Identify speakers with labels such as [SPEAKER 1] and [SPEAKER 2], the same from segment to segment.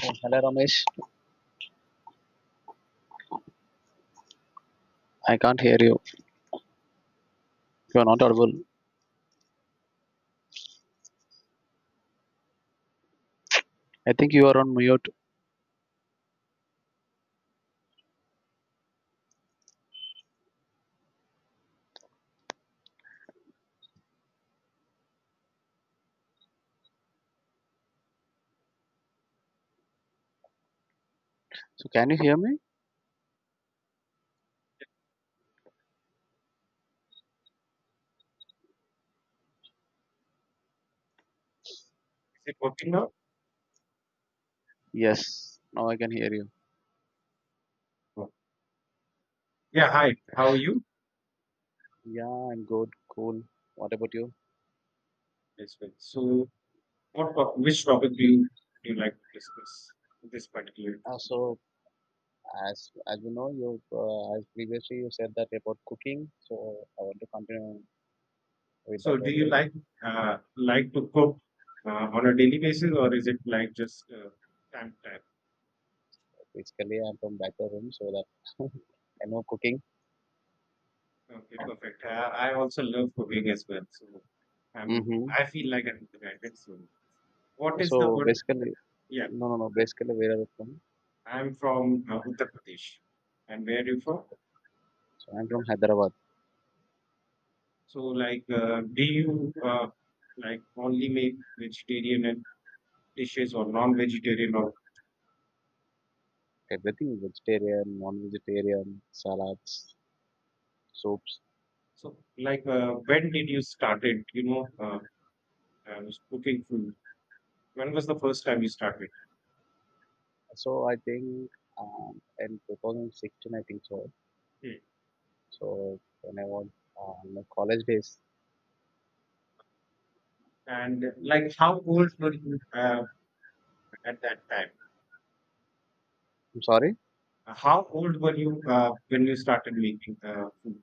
[SPEAKER 1] Hello, Ramesh. I can't hear you. You are not audible. I think you are on mute. So, can you hear me?
[SPEAKER 2] Is it working now?
[SPEAKER 1] Yes. Now I can hear you.
[SPEAKER 2] Oh. Yeah, hi. How are you?
[SPEAKER 1] Yeah, I'm good. Cool. What about you?
[SPEAKER 2] Yes, well. So, which topic do you like to discuss? In this particular
[SPEAKER 1] Uh,
[SPEAKER 2] topic.
[SPEAKER 1] so, as you know, you as previously you said that about cooking. So, I want to continue with that
[SPEAKER 2] So, do you
[SPEAKER 1] only.
[SPEAKER 2] like to cook on a daily basis, or is it like just time to time?
[SPEAKER 1] Basically, I'm from back of room, so that I know cooking.
[SPEAKER 2] Okay, perfect. I also love cooking as well. So, I'm
[SPEAKER 1] Mm-hmm.
[SPEAKER 2] I feel like I'm united. So, what is the
[SPEAKER 1] So
[SPEAKER 2] word?
[SPEAKER 1] basically,
[SPEAKER 2] Yeah,
[SPEAKER 1] no, no, no. Basically, where are you from?
[SPEAKER 2] I'm from Uttar Pradesh. And where are you from?
[SPEAKER 1] So I'm from Hyderabad.
[SPEAKER 2] So, like, do you like only make vegetarian and dishes or non-vegetarian or
[SPEAKER 1] Everything vegetarian, non-vegetarian, salads. So,
[SPEAKER 2] so? When did you started? Uh, Cooking food. When was the first time you started?
[SPEAKER 1] so I think in 2016, I think so.
[SPEAKER 2] Hmm.
[SPEAKER 1] So when I was in my college days.
[SPEAKER 2] And like, how old were you at that time?
[SPEAKER 1] I'm sorry.
[SPEAKER 2] How old were you when you started making food?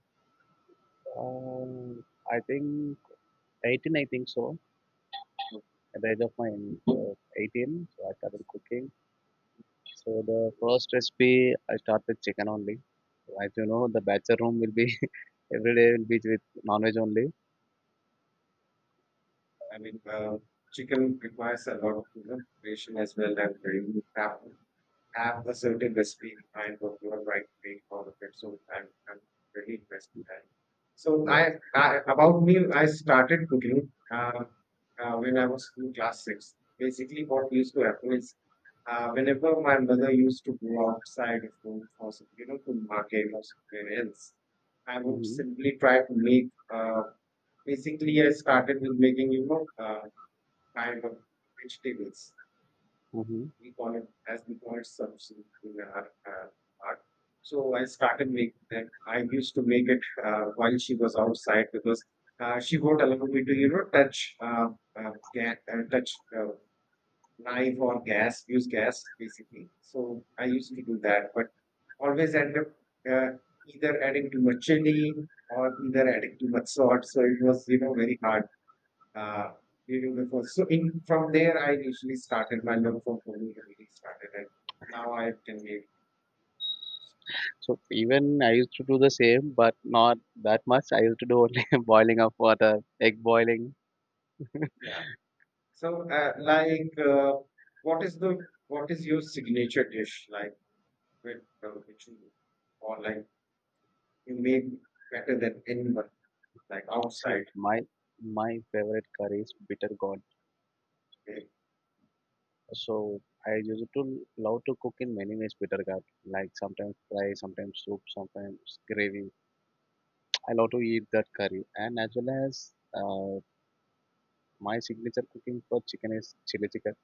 [SPEAKER 1] Um I think 18, I think so. At the age of my 18, so I started cooking. So the first recipe I started with chicken only. So as you know, the bachelor room will be every day will be with non-veg only.
[SPEAKER 2] I mean, chicken requires a lot of preparation as well and very good have a certain recipe in mind what you are trying to make out of it. So I'm really interested in that. So
[SPEAKER 1] Yes.
[SPEAKER 2] I about me, I started cooking when I was in class six. Basically, what used to happen is whenever my mother used to go outside of home for to market or somewhere else, I would
[SPEAKER 1] Mm-hmm.
[SPEAKER 2] simply try to make. Uh, basically, I started with making kind of vegetables
[SPEAKER 1] Mm-hmm.
[SPEAKER 2] we call it as we call it substance in our art. So I started making that. I used to make it while she was outside because she won't allow me to, touch uh, ga- uh, touch uh, knife or gas, use gas basically. So I used to do that, but always end up uh, either adding too much chili or either adding too much salt. So it was, very hard uh, even before. So in from there, I initially started my love for Pony really started, and now I can make.
[SPEAKER 1] So even I used to do the same, but not that much. I used to do only boiling of water, egg boiling.
[SPEAKER 2] Yeah. So like, what is the what is your signature dish like with which you or like you make better than anyone like
[SPEAKER 1] See,
[SPEAKER 2] outside?
[SPEAKER 1] my favorite curry is bitter gourd.
[SPEAKER 2] Okay?
[SPEAKER 1] So I used to love to cook in many ways bitter gourd. Like sometimes fry, sometimes soup, sometimes gravy. I love to eat that curry, and as well as uh, my signature cooking for chicken is chili chicken.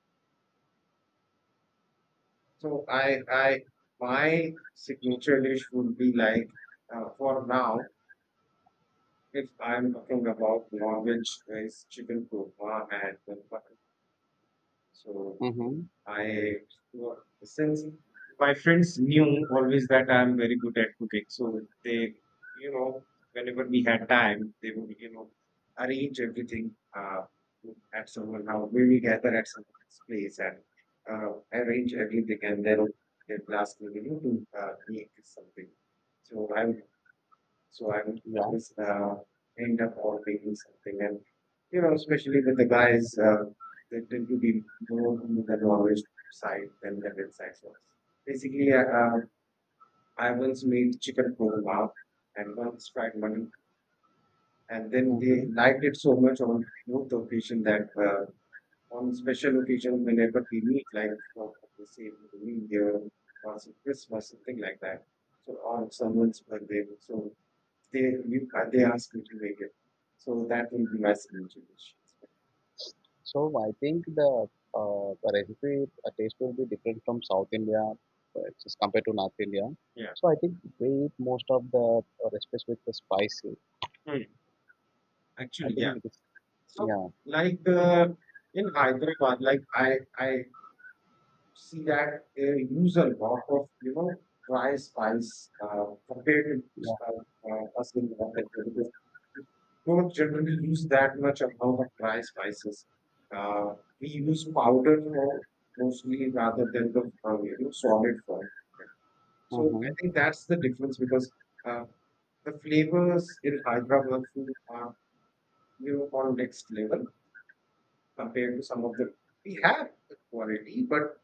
[SPEAKER 2] So I my signature dish would be like for now. If I'm talking about non-veg, is chicken korma and then mutton. So
[SPEAKER 1] Mm-hmm.
[SPEAKER 2] I well, since my friends knew always that I'm very good at cooking, so they, you know, whenever we had time, they would, arrange everything at someone house. We will gather at someone's place and arrange everything, and then they'd ask me, to make something. So I would
[SPEAKER 1] Yeah.
[SPEAKER 2] always end up ordering something, and especially with the guys, they tend to be more on the Norwich side than the red side. So basically, I once made chicken korma and once fried mutton, and then
[SPEAKER 1] Mm-hmm.
[SPEAKER 2] they liked it so much on both the occasion that on special occasion whenever we meet, like for the same New Year or some Christmas, something like that. So on someone's birthday, so they they ask me to make it. So that will be my signature dish.
[SPEAKER 1] So I think the recipe taste will be different from South India as compared to North India.
[SPEAKER 2] Yeah.
[SPEAKER 1] So I think we eat most of the recipes with the spicy.
[SPEAKER 2] Hmm.
[SPEAKER 1] I
[SPEAKER 2] Actually,
[SPEAKER 1] think
[SPEAKER 2] yeah.
[SPEAKER 1] it is
[SPEAKER 2] So
[SPEAKER 1] yeah,
[SPEAKER 2] like in Hyderabad, like I see that they use a lot of dry spice compared
[SPEAKER 1] yeah,
[SPEAKER 2] to us in North India because we don't generally use that much amount of dry spices. Uh, we use powder for mostly rather than the solid form. So I
[SPEAKER 1] uh-huh.
[SPEAKER 2] think that's the difference because uh, the flavors in Hyderabad food are on next level compared to some of the we have the quality, but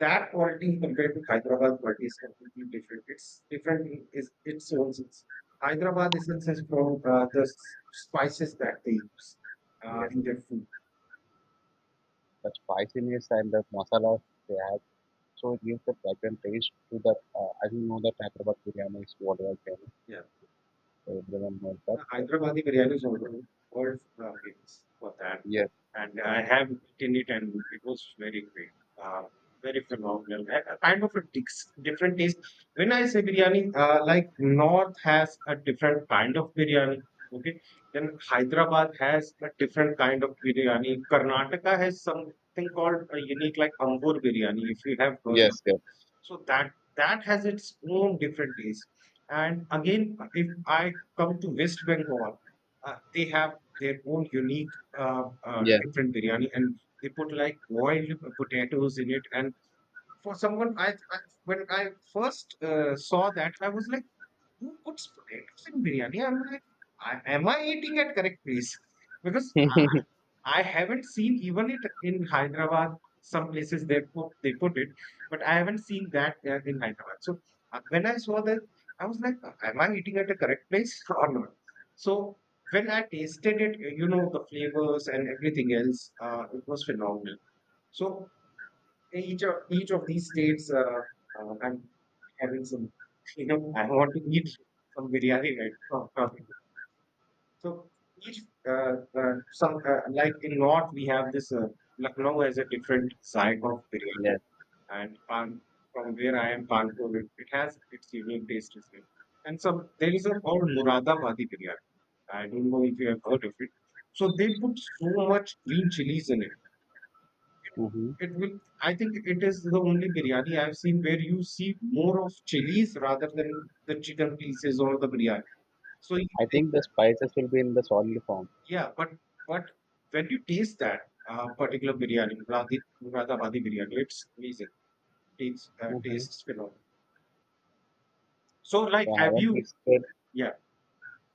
[SPEAKER 2] that quality compared to Hyderabad quality is completely different. It's different in its own sense. Hyderabad is in sense from the spices that they use
[SPEAKER 1] Yes,
[SPEAKER 2] in their food.
[SPEAKER 1] the spiciness and the masalas they add, so it gives the fragrant taste to the, as you know the Hyderabad biryani is what I can,
[SPEAKER 2] Yeah.
[SPEAKER 1] everyone knows that.
[SPEAKER 2] Uh,
[SPEAKER 1] So,
[SPEAKER 2] Hyderabadi biryani is also world famous for that,
[SPEAKER 1] yes,
[SPEAKER 2] and I have eaten it, and it was very great, uh, very phenomenal. A kind of a different taste. When I say biryani, like North has a different kind of biryani. Okay, then Hyderabad has a different kind of biryani. Karnataka has something called a unique, like Ambur biryani, if you have heard of
[SPEAKER 1] yes,
[SPEAKER 2] it.
[SPEAKER 1] yes,
[SPEAKER 2] So that has its own different taste. And again, if I come to West Bengal, they have their own unique, different biryani, and they put like boiled potatoes in it. And for someone, I when I first saw that, I was like, "Who puts potatoes in biryani?" I'm like, "Am I eating at correct place?" Because
[SPEAKER 1] yes,
[SPEAKER 2] I haven't seen even it in Hyderabad. Some places they put it, but I haven't seen that in Hyderabad. So when I saw that, I was like, "Am I eating at the correct place or not?" So when I tasted it, the flavors and everything else, it was phenomenal. So each of these states, I'm having some, I want to eat some biryani right now. So each uh, some like in north we have this Lucknow as a different side of
[SPEAKER 1] yes.
[SPEAKER 2] biryani, and from where I am Kanpur, it has its unique taste as well. And so there is a called Muradabadi biryani. I don't know if you have heard of it. So they put so much green chilies in it.
[SPEAKER 1] Hmm,
[SPEAKER 2] It will. I think it is the only biryani I've seen where you see more of chilies rather than the chicken pieces or the biryani. So
[SPEAKER 1] I think the spices will be in the solid form.
[SPEAKER 2] yeah, but when you taste that particular biryani, Muradabadi biryani, it's amazing. Tastes
[SPEAKER 1] Hmm.
[SPEAKER 2] phenomenal. So
[SPEAKER 1] So
[SPEAKER 2] like,
[SPEAKER 1] I
[SPEAKER 2] have
[SPEAKER 1] haven't
[SPEAKER 2] you?
[SPEAKER 1] visited,
[SPEAKER 2] Yeah,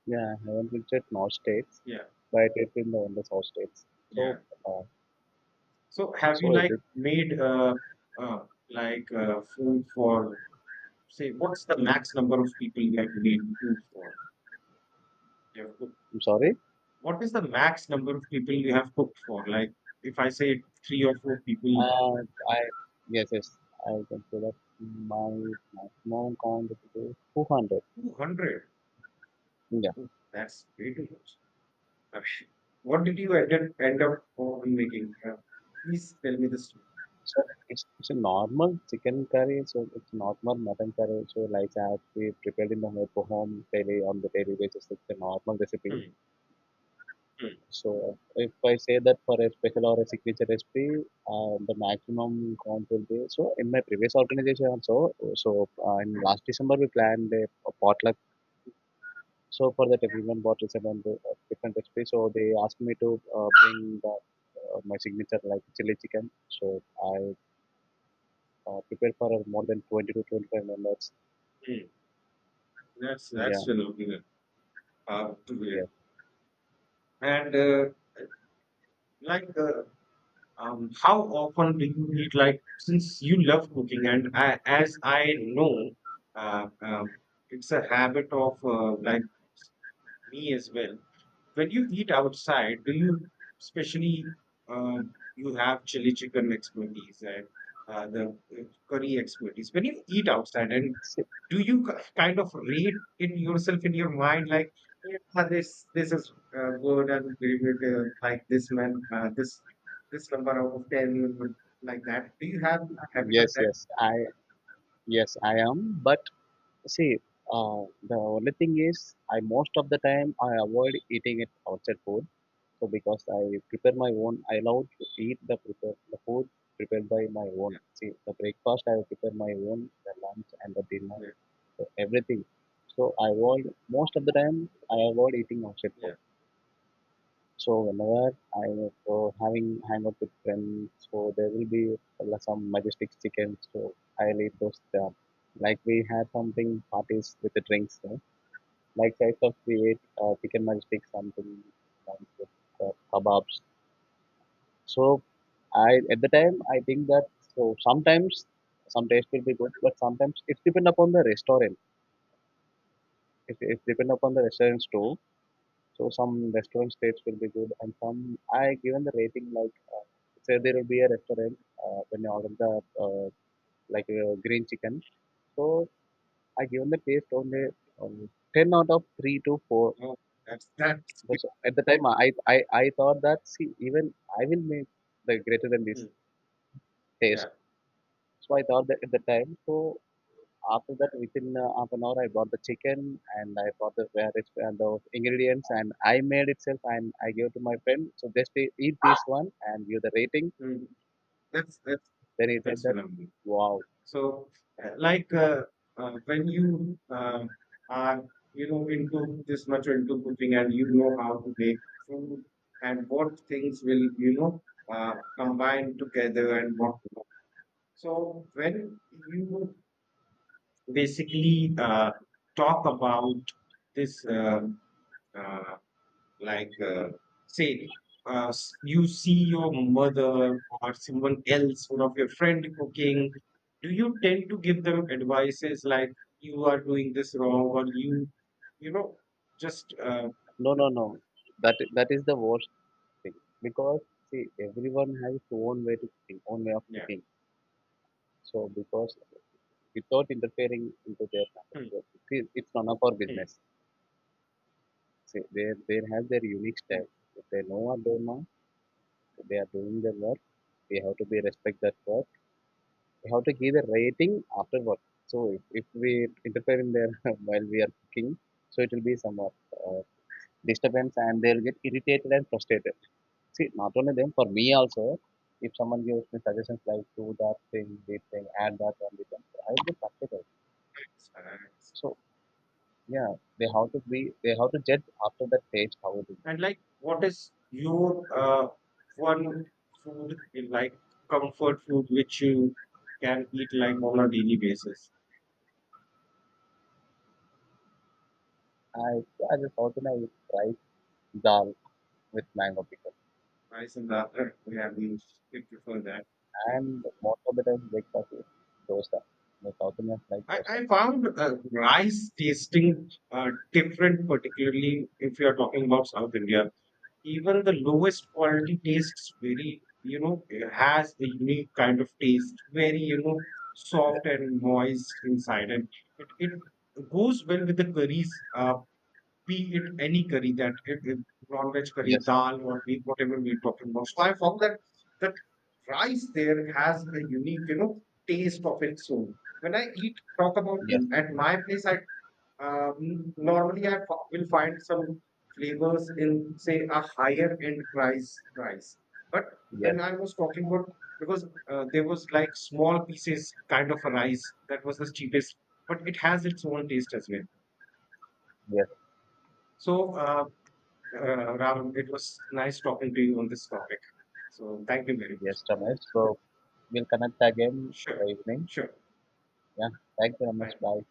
[SPEAKER 1] yeah, I haven't visited North states,
[SPEAKER 2] yeah,
[SPEAKER 1] but I did in the South states. So,
[SPEAKER 2] yeah.
[SPEAKER 1] uh,
[SPEAKER 2] So have you
[SPEAKER 1] so every,
[SPEAKER 2] like made uh like food for say what's the max number of people you have made food for? You have cooked.
[SPEAKER 1] I'm sorry.
[SPEAKER 2] What is the max number of people you have cooked for? Like if I say three or four people,
[SPEAKER 1] Uh, I, yes, yes, I consider my maximum count to be 200.
[SPEAKER 2] 200.
[SPEAKER 1] Yeah.
[SPEAKER 2] Oh, that's way too much. Ash, what did you end up on making? Please tell me the story.
[SPEAKER 1] So it's a normal chicken curry, so it's normal mutton curry. So like I have we prepared in the home daily on the daily basis. It's a normal recipe.
[SPEAKER 2] Hmm, hmm,
[SPEAKER 1] So if I say that for a special or a signature recipe, the maximum count will be, so in my previous organization also. So in last December we planned a potluck. So for that everyone bought this amount of different recipe. So they asked me to bring my signature like chili chicken. So I prepared for more than 20 to 25 members.
[SPEAKER 2] hmm. That's
[SPEAKER 1] Yeah,
[SPEAKER 2] phenomenal. To
[SPEAKER 1] yeah.
[SPEAKER 2] hear. And like, how often do you eat? Like, since you love cooking, and as I know, uh, um, it's a habit of like. Me as well. When you eat outside, do you especially you have chili chicken expertise and the curry expertise? When you eat outside, and do you kind of rate in yourself in your mind like, yeah, this is good and we would like this man this number out of 10 would like that? Do you have a habit of
[SPEAKER 1] Yes,
[SPEAKER 2] that?
[SPEAKER 1] yes. I yes I am, but see, the only thing is, I most of the time I avoid eating it outside food. So because I prepare my own, I love to eat the food prepared by my own. See, the breakfast I prepare my own, the lunch and the dinner,
[SPEAKER 2] Yeah,
[SPEAKER 1] so everything. So I avoid most of the time I avoid eating outside
[SPEAKER 2] yeah.
[SPEAKER 1] food. So whenever I go having hang out with friends, so there will be some majestic chicken. So I'll eat those. Like we had something parties with the drinks, like size of plate, chicken matchstick, something like with kebabs. So I at the time I think that, so sometimes some taste will be good, but sometimes it's depend upon the restaurant. It depend upon the restaurants too. So some restaurant taste will be good, and some I given the rating like, say there will be a restaurant when you order the green chicken. So I given the taste only 10 out of 3 to 4.
[SPEAKER 2] Oh, that's good.
[SPEAKER 1] Because at the time, I thought that, see, even I will make the greater than this
[SPEAKER 2] Mm,
[SPEAKER 1] taste.
[SPEAKER 2] yeah,
[SPEAKER 1] So I thought that at the time. So after that, within half an hour, I bought the chicken and I bought the various and the ingredients and I made itself and I gave to my friend. So just eat this one and give the rating.
[SPEAKER 2] mm, that's that's
[SPEAKER 1] Then he said
[SPEAKER 2] that's
[SPEAKER 1] that,
[SPEAKER 2] phenomenal.
[SPEAKER 1] wow.
[SPEAKER 2] So, like when you are into this much into cooking and you know how to make food and what things will combine together and what. So when you basically talk about this uh, like, say, you see your mother or someone else, one of your friend cooking, do you tend to give them advices like you are doing this wrong or you know, just
[SPEAKER 1] No, no, no, that that is the worst thing, because see, everyone has his own way to cooking, own way of
[SPEAKER 2] yeah.
[SPEAKER 1] cooking. So because without interfering into their kind of
[SPEAKER 2] Hmm,
[SPEAKER 1] work. It is- it's none of our
[SPEAKER 2] hmm,
[SPEAKER 1] business. See, they have their unique
[SPEAKER 2] hmm.
[SPEAKER 1] style. If they know what they know, they are doing their work. We have to be respect that work. We have to give a rating after work. So if we interfere in there while we are cooking, so it will be somewhat uh, disturbance, and they'll get irritated and frustrated. See, not only them, for me also, if someone gives me suggestions like do that thing, this thing, add that one, this one, I will get frustrated.
[SPEAKER 2] Nice.
[SPEAKER 1] So yeah, they have to judge after that taste how it is.
[SPEAKER 2] And like, what is your one food in like comfort food which you can eat like on a daily basis?
[SPEAKER 1] I just south Indian, I eat rice, dal with mango pickle,
[SPEAKER 2] Nice and that we have you prefer that.
[SPEAKER 1] and most of the time breakfast is dosa. The South Indians like dosa.
[SPEAKER 2] I found rice tasting different, particularly if you are talking about South India. Even the lowest quality tastes very, it has a unique kind of taste, very, soft and moist inside. And it goes well with the curries. Be it any curry that non-veg curry,
[SPEAKER 1] Yes,
[SPEAKER 2] dal or meat, whatever we're talking about. So I found that the rice there has a unique, taste of its own. When I talk about
[SPEAKER 1] yes,
[SPEAKER 2] at my place, I normally I will find some flavors in say a higher end rice. But
[SPEAKER 1] yes,
[SPEAKER 2] when I was talking about because there was like small pieces kind of a rice that was the cheapest, but it has its own taste as well.
[SPEAKER 1] yes,
[SPEAKER 2] So Ram, it was nice talking to you on this topic. So thank you very
[SPEAKER 1] yes,
[SPEAKER 2] much.
[SPEAKER 1] Ramesh. So we'll connect again in the
[SPEAKER 2] Sure,
[SPEAKER 1] evening.
[SPEAKER 2] sure.
[SPEAKER 1] Yeah, thank you, Ramesh.
[SPEAKER 2] Bye.
[SPEAKER 1] Bye.